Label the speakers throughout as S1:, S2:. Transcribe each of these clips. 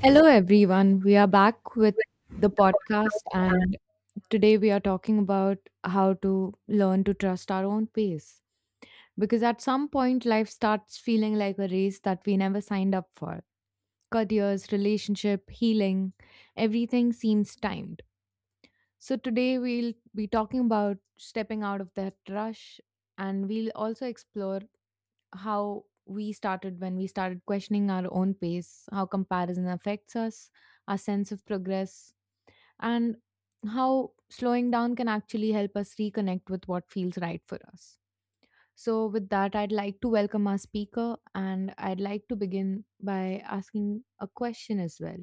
S1: Hello, everyone. We are back with the podcast, and today we are talking about how to learn to trust our own pace. Because at some point, life starts feeling like a race that we never signed up for. Careers, relationship, healing, everything seems timed. So, today we'll be talking about stepping out of that rush, and we'll also explore how we started when we started questioning our own pace, how comparison affects us, our sense of progress, and how slowing down can actually help us reconnect with what feels right for us. So, with that, I'd like to welcome our speaker, and I'd like to begin by asking a question as well.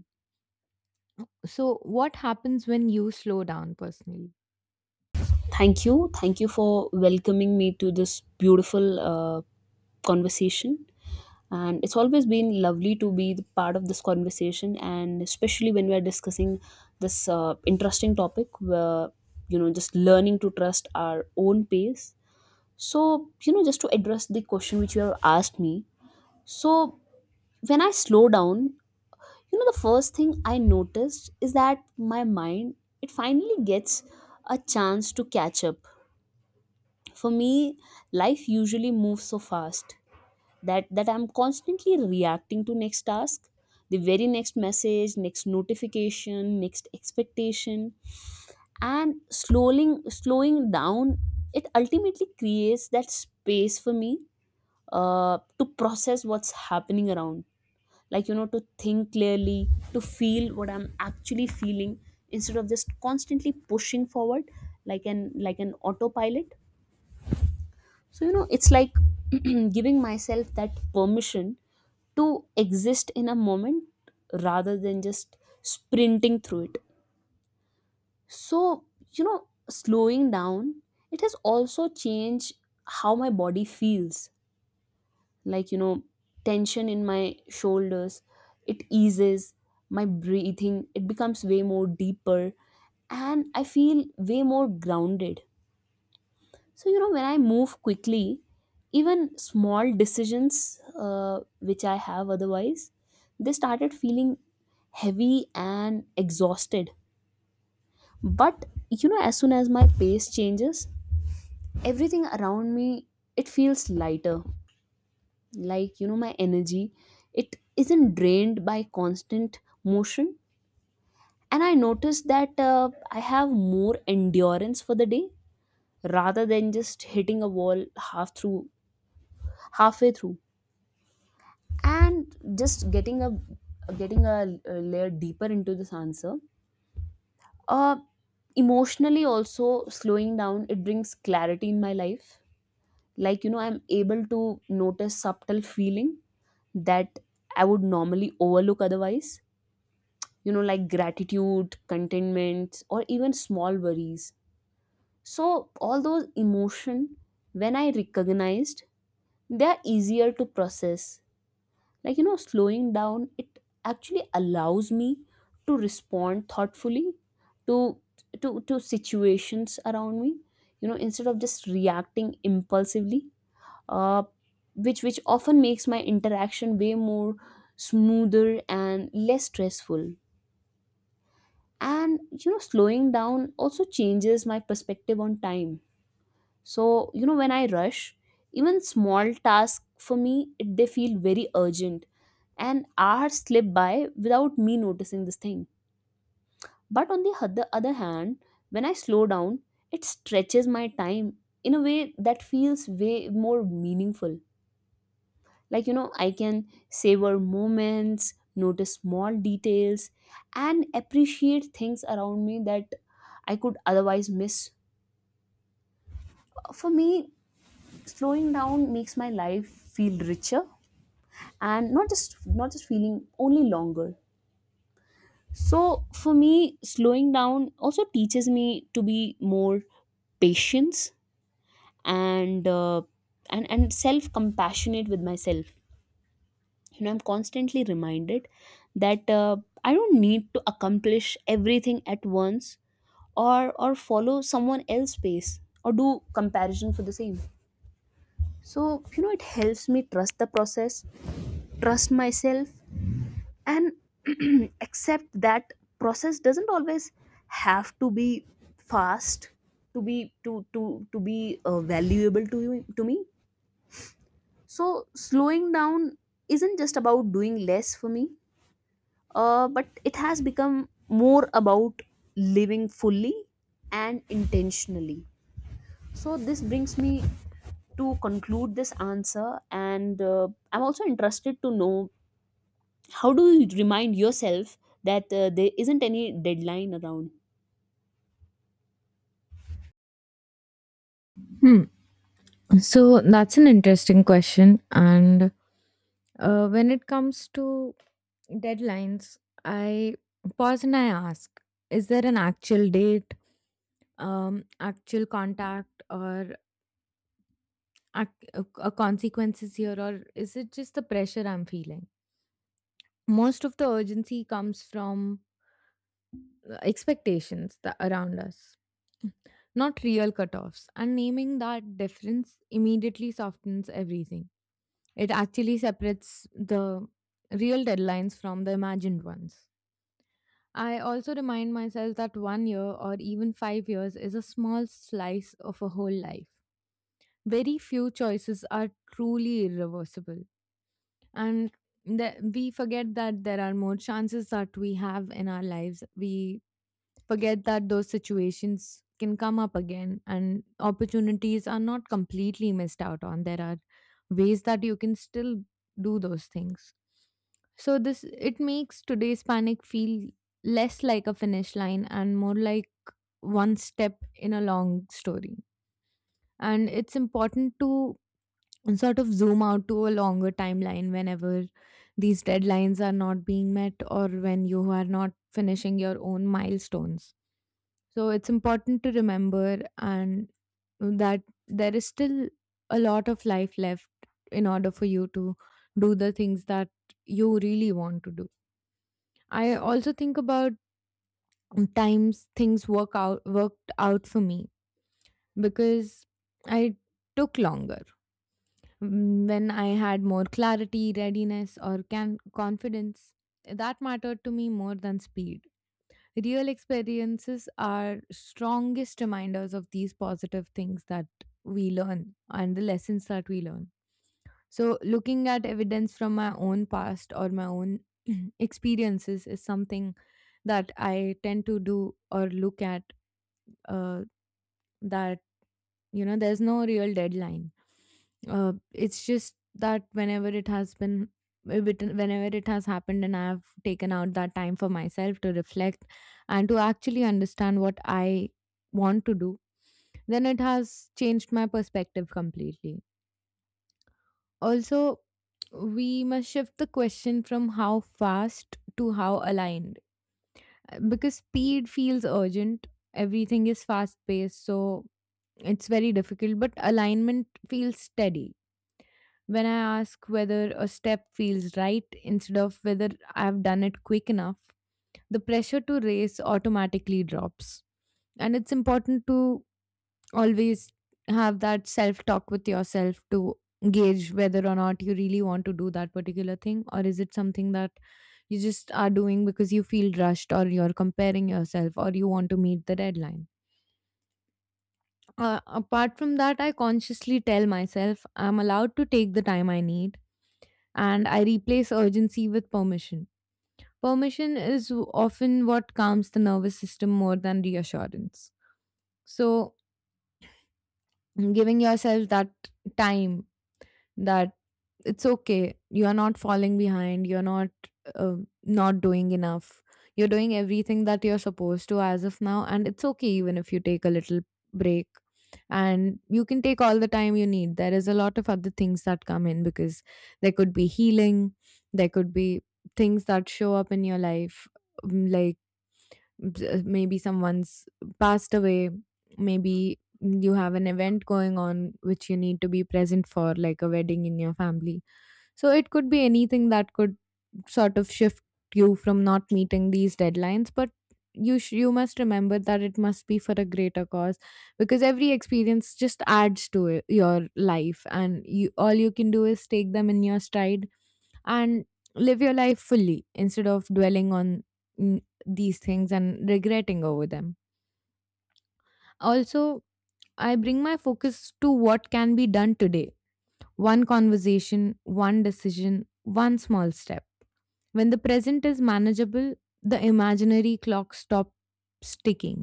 S1: So, what happens when you slow down personally?
S2: Thank you. Thank you for welcoming me to this beautiful conversation. And it's always been lovely to be the part of this conversation, and especially when we're discussing this interesting topic where, you know, just learning to trust our own pace. So, you know, just to address the question which you have asked me. So, when I slow down, you know, the first thing I noticed is that my mind, it finally gets a chance to catch up for me life usually moves so fast that I'm constantly reacting to next task, the very next message, next notification, next expectation. And slowing down, it ultimately creates that space for me to process what's happening around, like you know, to think clearly, to feel what I'm actually feeling, instead of just constantly pushing forward, like an autopilot. So, you know, it's like giving myself that permission to exist in a moment rather than just sprinting through it. So, you know, slowing down, it has also changed how my body feels. Like, you know, tension in my shoulders, it eases. My breathing, it becomes way more deeper and I feel way more grounded. So, you know, when I move quickly, even small decisions which I have otherwise, they started feeling heavy and exhausted. But, you know, as soon as my pace changes, everything around me, it feels lighter. Like, you know, my energy, it isn't drained by constant motion. And I noticed that I have more endurance for the day rather than just hitting a wall half through halfway through, and just getting a layer deeper into this answer. uh Emotionally also, slowing down, it brings clarity in my life. Like, you know, I'm able to notice subtle feeling that I would normally overlook otherwise, you know, like gratitude, contentment, or even small worries. So all those emotion, when I recognized, they are easier to process. Like, you know, slowing down, it actually allows me to respond thoughtfully to to situations around me, you know, instead of just reacting impulsively. uh which often makes my interaction way more smoother and less stressful. And you know, slowing down also changes my perspective on time. So, you know, when I rush, even small tasks for me, it, they feel very urgent. And hours slip by without me noticing this thing. But on the other hand, when I slow down, it stretches my time in a way that feels way more meaningful. Like, you know, I can savor moments, notice small details, and appreciate things around me that I could otherwise miss. For me, slowing down makes my life feel richer and not just feeling only longer. So for me, slowing down also teaches me to be more patience, and and self compassionate with myself. You know, I'm constantly reminded that I don't need to accomplish everything at once, or follow someone else's pace, or do comparison for the same. So you know, it helps me trust the process, trust myself, and accept that process doesn't always have to be fast to be valuable to you to me. So slowing down isn't just about doing less for me, but it has become more about living fully and intentionally. So this brings me to conclude this answer, and I'm also interested to know how do you remind yourself that there isn't any deadline around.
S1: Hmm. So that's an interesting question. And when it comes to deadlines, I pause and I ask, is there an actual date, actual contact, or consequences here, or is it just the pressure I'm feeling? Most of the urgency comes from expectations that around us, not real cutoffs. And naming that difference immediately softens everything. It actually separates the real deadlines from the imagined ones. I also remind myself that one year or even 5 years is a small slice of a whole life. Very few choices are truly irreversible, and that we forget that there are more chances that we have in our lives. We forget that those situations can come up again, and opportunities are not completely missed out on. There are ways that you can still do those things. So this, it makes today's panic feel less like a finish line and more like one step in a long story. And it's important to, and sort of zoom out to a longer timeline whenever these deadlines are not being met, or when you are not finishing your own milestones. So it's important to remember and that there is still a lot of life left in order for you to do the things that you really want to do. I also think about times things worked out for me because I took longer. When I had more clarity, readiness, or confidence, that mattered to me more than speed. Real experiences are strongest reminders of these positive things that we learn and the lessons that we learn. So, looking at evidence from my own past or my own experiences is something that I tend to do or look at, uh, that, there's no real deadline. It's just that whenever it has been, whenever it has happened, and I've taken out that time for myself to reflect and to actually understand what I want to do, then it has changed my perspective completely. Also, we must shift the question from how fast to how aligned, because speed feels urgent, everything is fast paced, so it's very difficult, but alignment feels steady. When I ask whether a step feels right instead of whether I've done it quick enough, the pressure to race automatically drops. And it's important to always have that self talk with yourself to gauge whether or not you really want to do that particular thing, or is it something that you just are doing because you feel rushed, or you're comparing yourself, or you want to meet the deadline. Apart from that, I consciously tell myself I'm allowed to take the time I need, and I replace urgency with permission. Permission is often what calms the nervous system more than reassurance. So, giving yourself that time, that it's okay, you are not falling behind, you're not, uh, not doing enough, you're doing everything that you're supposed to as of now, and it's okay even if you take a little break, and you can take all the time you need. There is a lot of other things that come in, because there could be healing, there could be things that show up in your life. Like, maybe someone's passed away, maybe you have an event going on which you need to be present for, like a wedding in your family. So it could be anything that could sort of shift you from not meeting these deadlines, but you must remember that it must be for a greater cause, because every experience just adds to it, your life, and you all you can do is take them in your stride and live your life fully instead of dwelling on these things and regretting over them. Also, I bring my focus to what can be done today, one conversation, one decision, one small step. When the present is manageable, the imaginary clock stops ticking,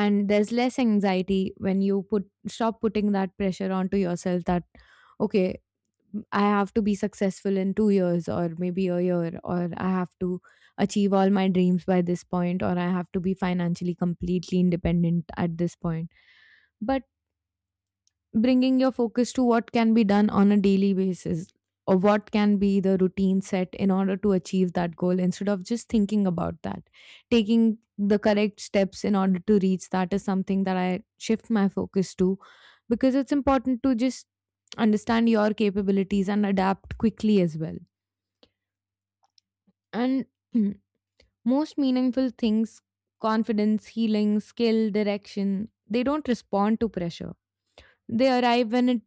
S1: and there's less anxiety when you put stop putting that pressure onto yourself, that okay, I have to be successful in 2 years, or maybe a year, or I have to achieve all my dreams by this point, or I have to be financially completely independent at this point. But bringing your focus to what can be done on a daily basis, or what can be the routine set in order to achieve that goal, instead of just thinking about that, taking the correct steps in order to reach that is something that I shift my focus to, because it's important to just understand your capabilities and adapt quickly as well. And most meaningful things, confidence, healing, skill, direction, they don't respond to pressure. They arrive when it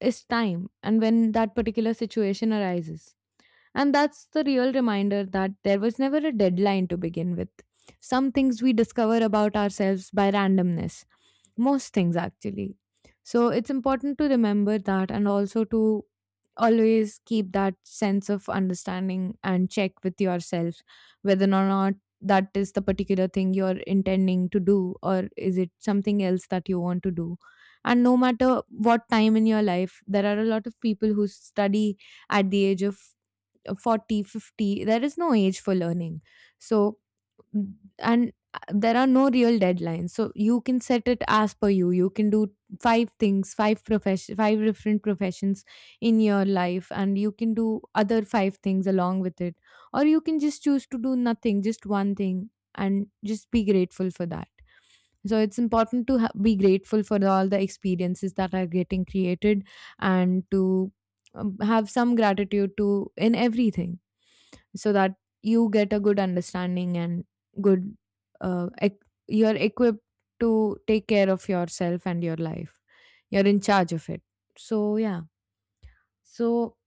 S1: is time and when that particular situation arises. And that's the real reminder that there was never a deadline to begin with. Some things we discover about ourselves by randomness, most things actually. So it's important to remember that, and also to always keep that sense of understanding and check with yourself whether or not that is the particular thing you're intending to do, or is it something else that you want to do. And no matter what time in your life, there are a lot of people who study at the age of 40, 50. There is no age for learning. So, and there are no real deadlines, so you can set it as per you. You can do five things, five profession, five different professions in your life, and you can do other five things along with it, or you can just choose to do nothing, just one thing, and just be grateful for that. So it's important to be grateful for all the experiences that are getting created, and to have some gratitude to in everything, so that you get a good understanding and good, uh, ec- you're equipped to take care of yourself and your life. You're in charge of it. So yeah. So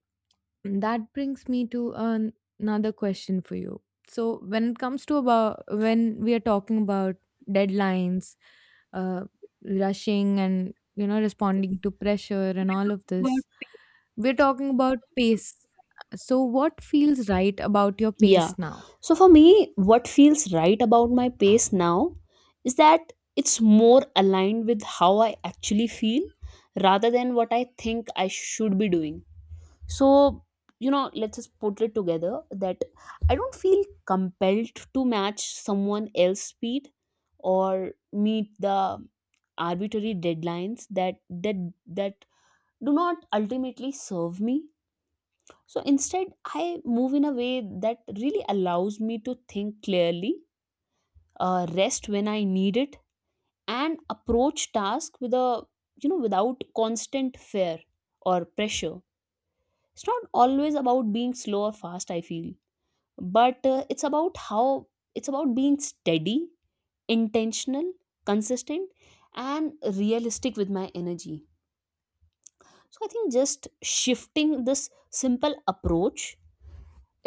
S1: that brings me to another question for you. So when it comes to, about when we are talking about deadlines, uh, rushing, and responding to pressure and all of this, we're talking about pace. So what feels right about your
S2: Yeah,
S1: pace now?
S2: so for me, what feels right about my pace now is that it's more aligned with how I actually feel rather than what I think I should be doing. So you know, let's just put it together that I don't feel compelled to match someone else's speed or meet the arbitrary deadlines that do not ultimately serve me. So instead, I move in a way that really allows me to think clearly, rest when I need it, and approach task with a, you know, without constant fear or pressure. It's not always about being slow or fast, I feel, but it's about how, it's about being steady, intentional, consistent, and realistic with my energy. So I think just shifting this simple approach,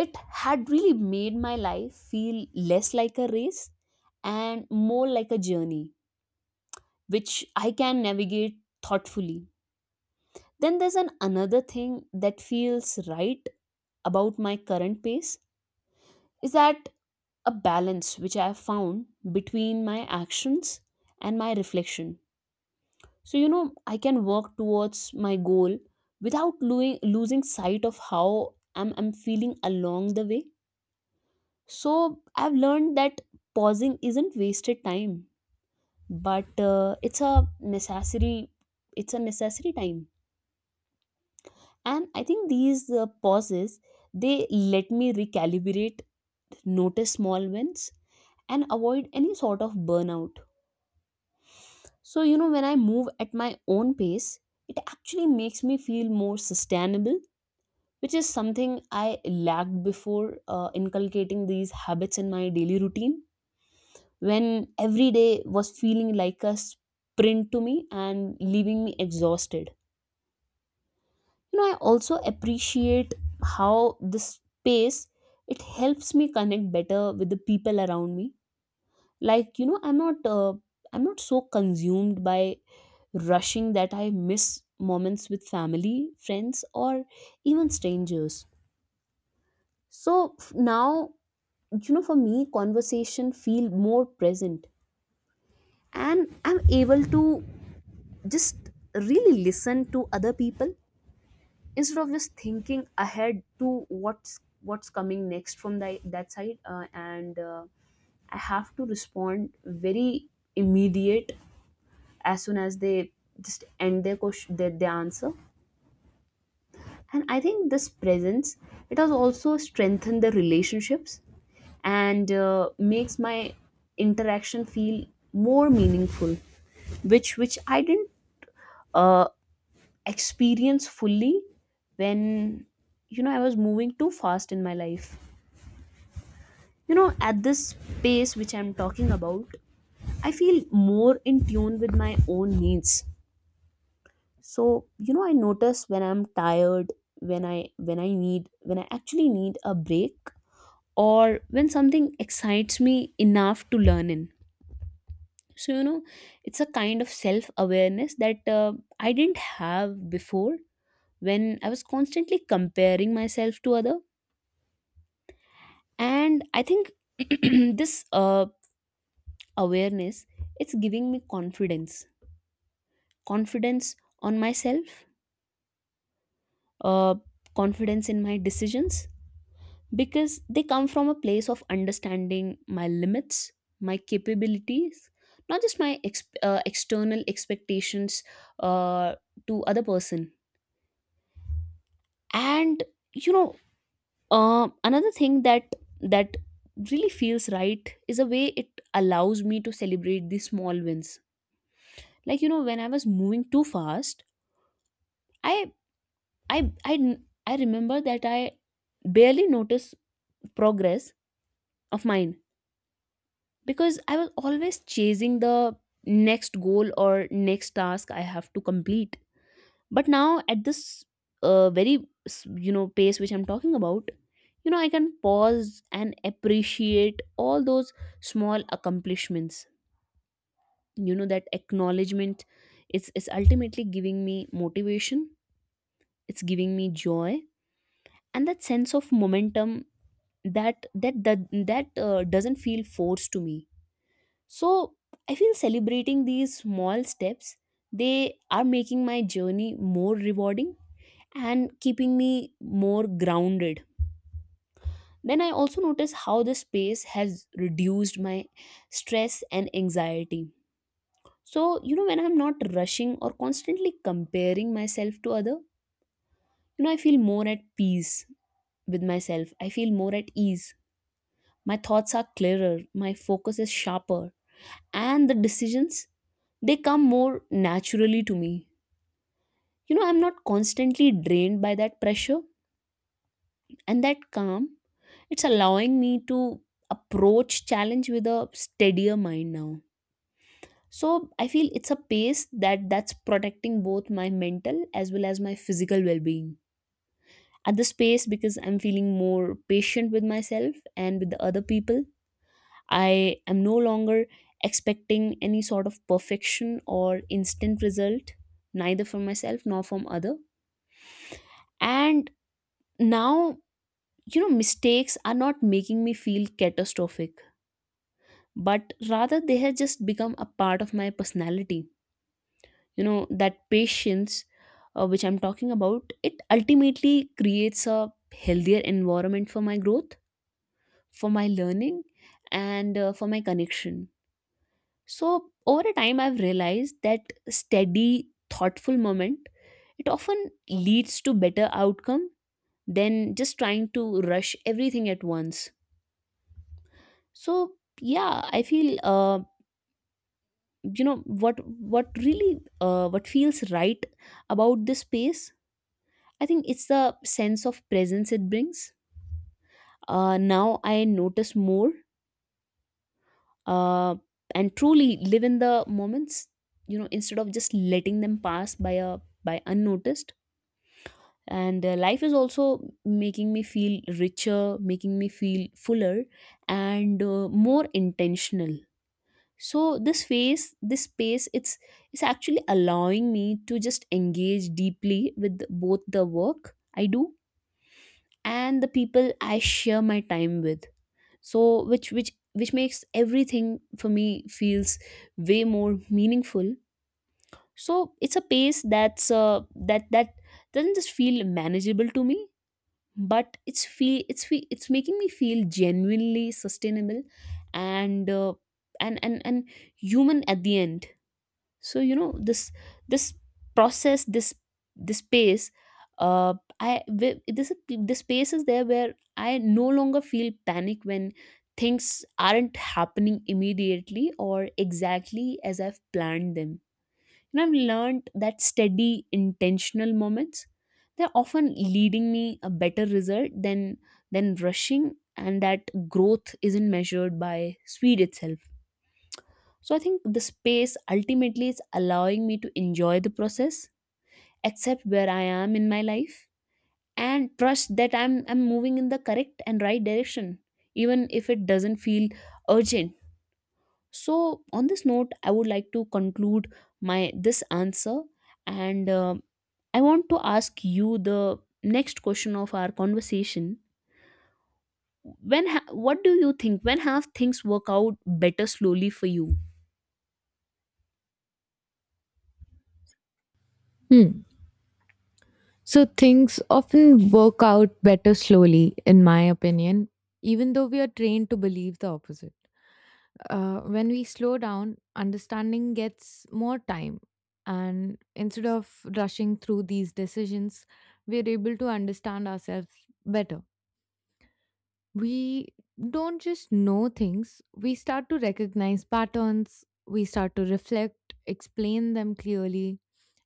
S2: it had really made my life feel less like a race and more like a journey, which I can navigate thoughtfully. Then there's an another thing that feels right about my current pace, is that a balance which I have found between my actions and my reflection. So you know, I can work towards my goal without losing sight of how I'm feeling along the way. So I've learned that pausing isn't wasted time, but it's a necessary, it's a necessary time. And I think these pauses, they let me recalibrate, notice small wins, and avoid any sort of burnout. So you know, when I move at my own pace, it actually makes me feel more sustainable, which is something I lacked before inculcating these habits in my daily routine, when every day was feeling like a sprint to me and leaving me exhausted. You know, I also appreciate how this space, it helps me connect better with the people around me. Like you know, I'm not so consumed by rushing that I miss moments with family, friends, or even strangers. So now, you know, for me conversation feel more present, and I'm able to just really listen to other people instead of just thinking ahead to what's coming next from that side, and I have to respond very immediate as soon as they just end their question, their answer. And I think this presence, it has also strengthened the relationships and makes my interaction feel more meaningful, which which I didn't uh, experience fully when, you know, I was moving too fast in my life. You know, at this pace which I'm talking about, I feel more in tune with my own needs. So, you know, I notice when I'm tired, when I need when I actually need a break, or when something excites me enough to learn in. So, you know, it's a kind of self-awareness that I didn't have before, when I was constantly comparing myself to other. And I think this awareness, it's giving me confidence on myself, uh, confidence in my decisions, because they come from a place of understanding my limits, my capabilities, not just my external expectations uh, to other person. And you know, another thing that really feels right is a way it allows me to celebrate the small wins. Like you know, when I was moving too fast, I I I remember that I barely noticed progress of mine, because I was always chasing the next goal, or next task I have to complete. But now at this very, you know, pace which I'm talking about, you know, I can pause and appreciate all those small accomplishments. You know, that acknowledgement, it's ultimately giving me motivation, it's giving me joy, and that sense of momentum that that that, that doesn't feel forced to me. So I feel celebrating these small steps, they are making my journey more rewarding and keeping me more grounded. Then I also notice how the space has reduced my stress and anxiety. So you know, when I'm not rushing or constantly comparing myself to other, you know, I feel more at peace with myself, I feel more at ease. My thoughts are clearer, my focus is sharper, and the decisions, they come more naturally to me. You know, I'm not constantly drained by that pressure, and that calm, it's allowing me to approach challenge with a steadier mind now. So I feel it's a pace that that's protecting both my mental as well as my physical well-being at the space, because I'm feeling more patient with myself and with the other people. I am no longer expecting any sort of perfection or instant result, neither from myself nor from other. And now, you know, mistakes are not making me feel catastrophic, but rather they have just become a part of my personality. You know, that patience, which I'm talking about, it ultimately creates a healthier environment for my growth, for my learning, and for my connection. So over a time, I've realized that steady, thoughtful moment, it often leads to better outcome than just trying to rush everything at once. So yeah, I feel you know, what really what feels right about this space, I think it's the sense of presence it brings. Now I notice more uh, and truly live in the moments. You know, instead of just letting them pass by unnoticed. And life is also making me feel richer, making me feel fuller, and more intentional. So this phase, this space, it's actually allowing me to just engage deeply with both the work I do and the people I share my time with. So which makes everything for me feels way more meaningful. So it's a pace that's that doesn't just feel manageable to me, but it's making me feel genuinely sustainable, and and human at the end. So you know, this process this this space, uh I wi- this space is there where I no longer feel panic when things aren't happening immediately or exactly as I've planned them. And I've learned that steady, intentional moments, they're often leading me a better result than rushing, and that growth isn't measured by speed itself. So I think the space ultimately is allowing me to enjoy the process, accept where I am in my life, and trust that I'm moving in the correct and right direction, even if it doesn't feel urgent. So on this note, I would like to conclude my this answer, and I want to ask you the next question of our conversation. What do you think? When have things work out better slowly for you?
S1: Hmm. So things often work out better slowly, in my opinion, even though we are trained to believe the opposite. When we slow down, understanding gets more time. And instead of rushing through these decisions, we're able to understand ourselves better. We don't just know things, we start to recognize patterns, we start to reflect, explain them clearly,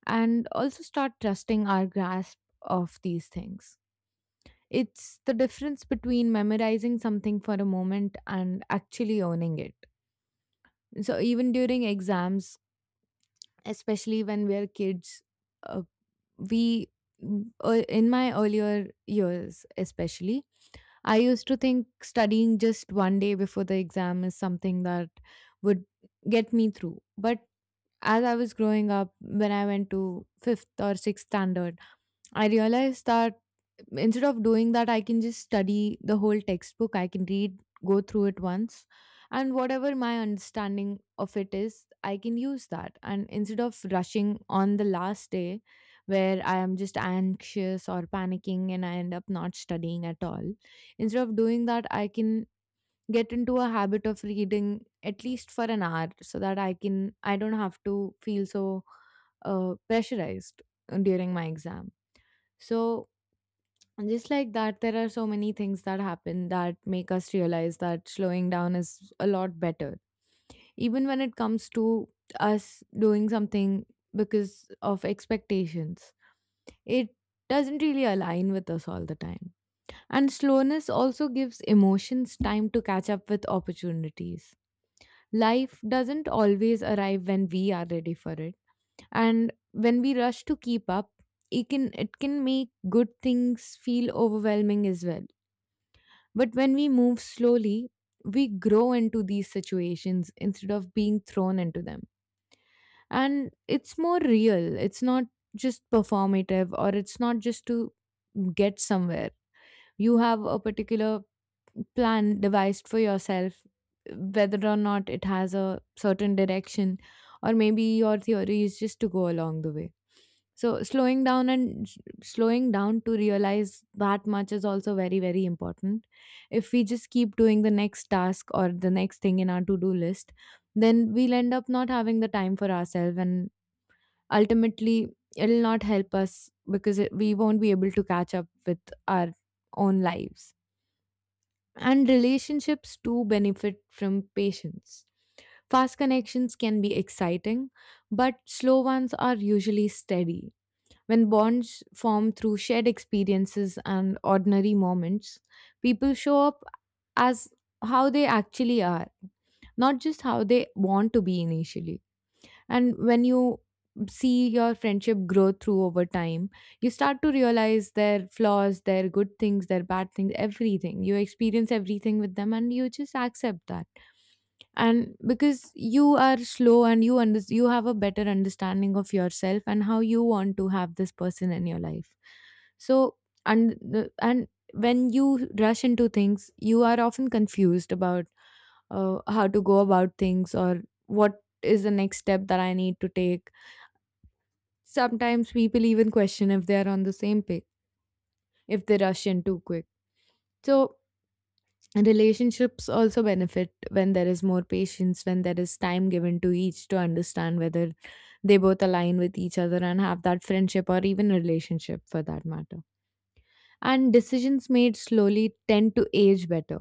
S1: and also start trusting our grasp of these things. It's the difference between memorizing something for a moment and actually owning it. So, even during exams, especially when we're kids, uh, we, in my earlier years, especially, I used to think studying just one day before the exam is something that would get me through. But as I was growing up, when I went to fifth or sixth standard, I realized that instead of doing that, I can just study the whole textbook. I can read, go through it once, and whatever my understanding of it is, I can use that. And instead of rushing on the last day where I am just anxious or panicking and I end up not studying at all, instead of doing that, I can get into a habit of reading at least for an hour so that I don't have to feel so pressurized during my exam. So, just like that, there are so many things that happen that make us realize that slowing down is a lot better. Even when it comes to us doing something because of expectations, it doesn't really align with us all the time. And slowness also gives emotions time to catch up with opportunities. Life doesn't always arrive when we are ready for it, and when we rush to keep up, it can make good things feel overwhelming as well. But when we move slowly, we grow into these situations instead of being thrown into them, and it's more real. It's not just performative, or it's not just to get somewhere. You have a particular plan devised for yourself, whether or not it has a certain direction, or maybe your theory is just to go along the way. So slowing down and slowing down to realize that much is also very, very important. If we just keep doing the next task or the next thing in our to do list, then we'll end up not having the time for ourselves, and ultimately it'll not help us because we won't be able to catch up with our own lives. And relationships too benefit from patience. Fast connections can be exciting, but slow ones are usually steady. When bonds form through shared experiences and ordinary moments, people show up as how they actually are, not just how they want to be initially. And when you see your friendship grow through over time, you start to realize their flaws, their good things, their bad things. Everything, you experience everything with them, and you just accept that. And because you are slow and you you have a better understanding of yourself and how you want to have this person in your life. So, and and when you rush into things, you are often confused about how to go about things or what is the next step that I need to take. Sometimes people even question if they are on the same page, if they rush in too quick. So, relationships also benefit when there is more patience, when there is time given to each to understand whether they both align with each other and have that friendship or even relationship for that matter. And decisions made slowly tend to age better.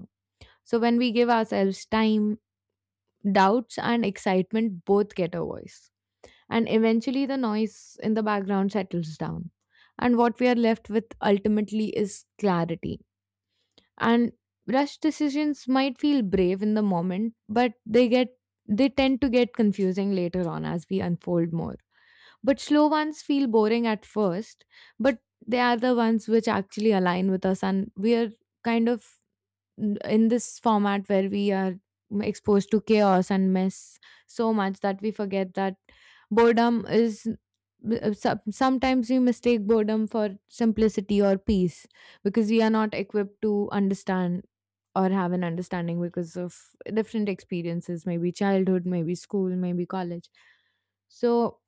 S1: So, when we give ourselves time, doubts and excitement both get a voice, and eventually the noise in the background settles down. And what we are left with ultimately is clarity. And rushed decisions might feel brave in the moment, but they get they tend to get confusing later on as we unfold more. But slow ones feel boring at first, but they are the ones which actually align with us, and we are kind of in this format where we are exposed to chaos and mess so much that we forget that boredom is b- so- sometimes we mistake boredom for simplicity or peace because we are not equipped to understand or have an understanding because of different experiences, maybe childhood, maybe school, maybe college. So,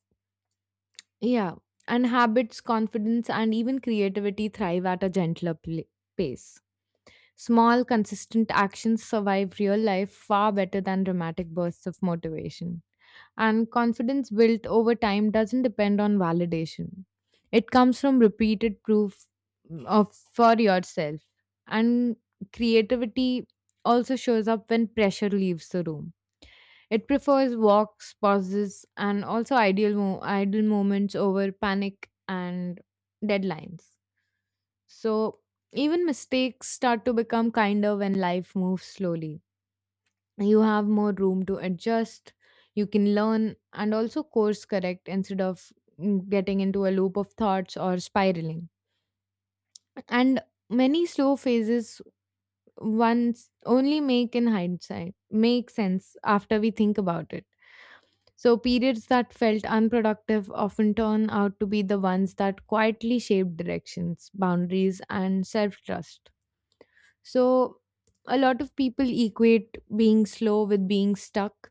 S1: yeah. And habits, confidence and even creativity thrive at a gentler pace. Small, consistent actions survive real life far better than dramatic bursts of motivation. And confidence built over time doesn't depend on validation, it comes from repeated proof of for yourself. And creativity also shows up when pressure leaves the room. It prefers walks, pauses, and also idle moments over panic and deadlines. So even mistakes start to become kinder when life moves slowly. You have more room to adjust, you can learn and also course correct instead of getting into a loop of thoughts or spiraling. And many slow phases once only make in hindsight make sense after we think about it. So periods that felt unproductive often turn out to be the ones that quietly shape directions, boundaries and self-trust. So, a lot of people equate being slow with being stuck,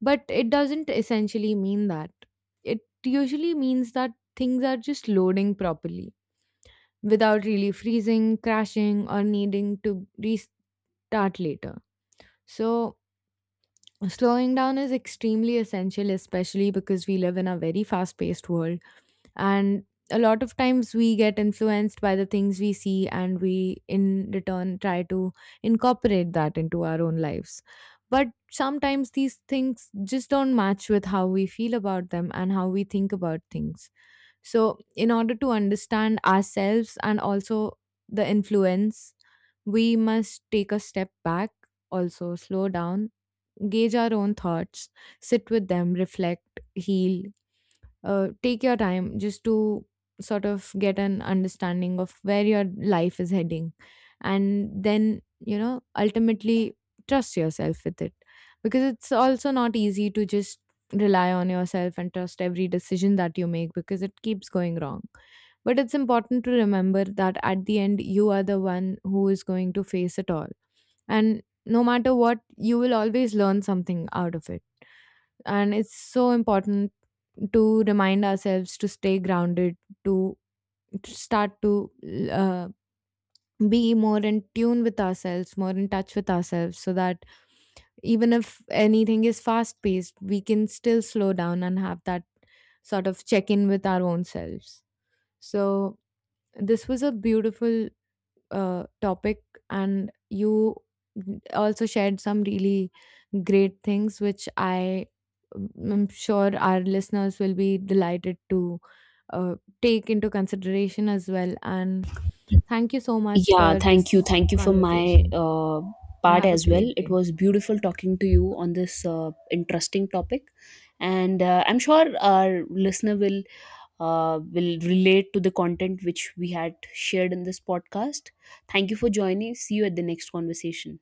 S1: but it doesn't essentially mean that. It usually means that things are just loading properly without really freezing, crashing, or needing to restart later. So, slowing down is extremely essential, especially because we live in a very fast paced world, and a lot of times we get influenced by the things we see and we in return try to incorporate that into our own lives. But sometimes these things just don't match with how we feel about them and how we think about things. So in order to understand ourselves and also the influence, we must take a step back, also slow down, gauge our own thoughts, sit with them, reflect, heal. Take your time just to sort of get an understanding of where your life is heading, and then you know ultimately trust yourself with it. Because it's also not easy to just rely on yourself and trust every decision that you make, because it keeps going wrong. But it's important to remember that at the end you are the one who is going to face it all, and no matter what you will always learn something out of it. And it's so important to remind ourselves to stay grounded, to to start to uh, be more in tune with ourselves, more in touch with ourselves, so that even if anything is fast paced we can still slow down and have that sort of check in with our own selves. So, this was a beautiful topic, and you also shared some really great things which I'm sure our listeners will be delighted to uh, take into consideration as well. And thank you so much
S2: Yeah,
S1: for
S2: thank you.
S1: this
S2: Thank you for my
S1: conversation.
S2: part
S1: Have a
S2: as well.
S1: great
S2: It
S1: day.
S2: was beautiful talking to you on this interesting topic, and I'm sure our listener will relate to the content which we had shared in this podcast. Thank you for joining. See you at the next conversation.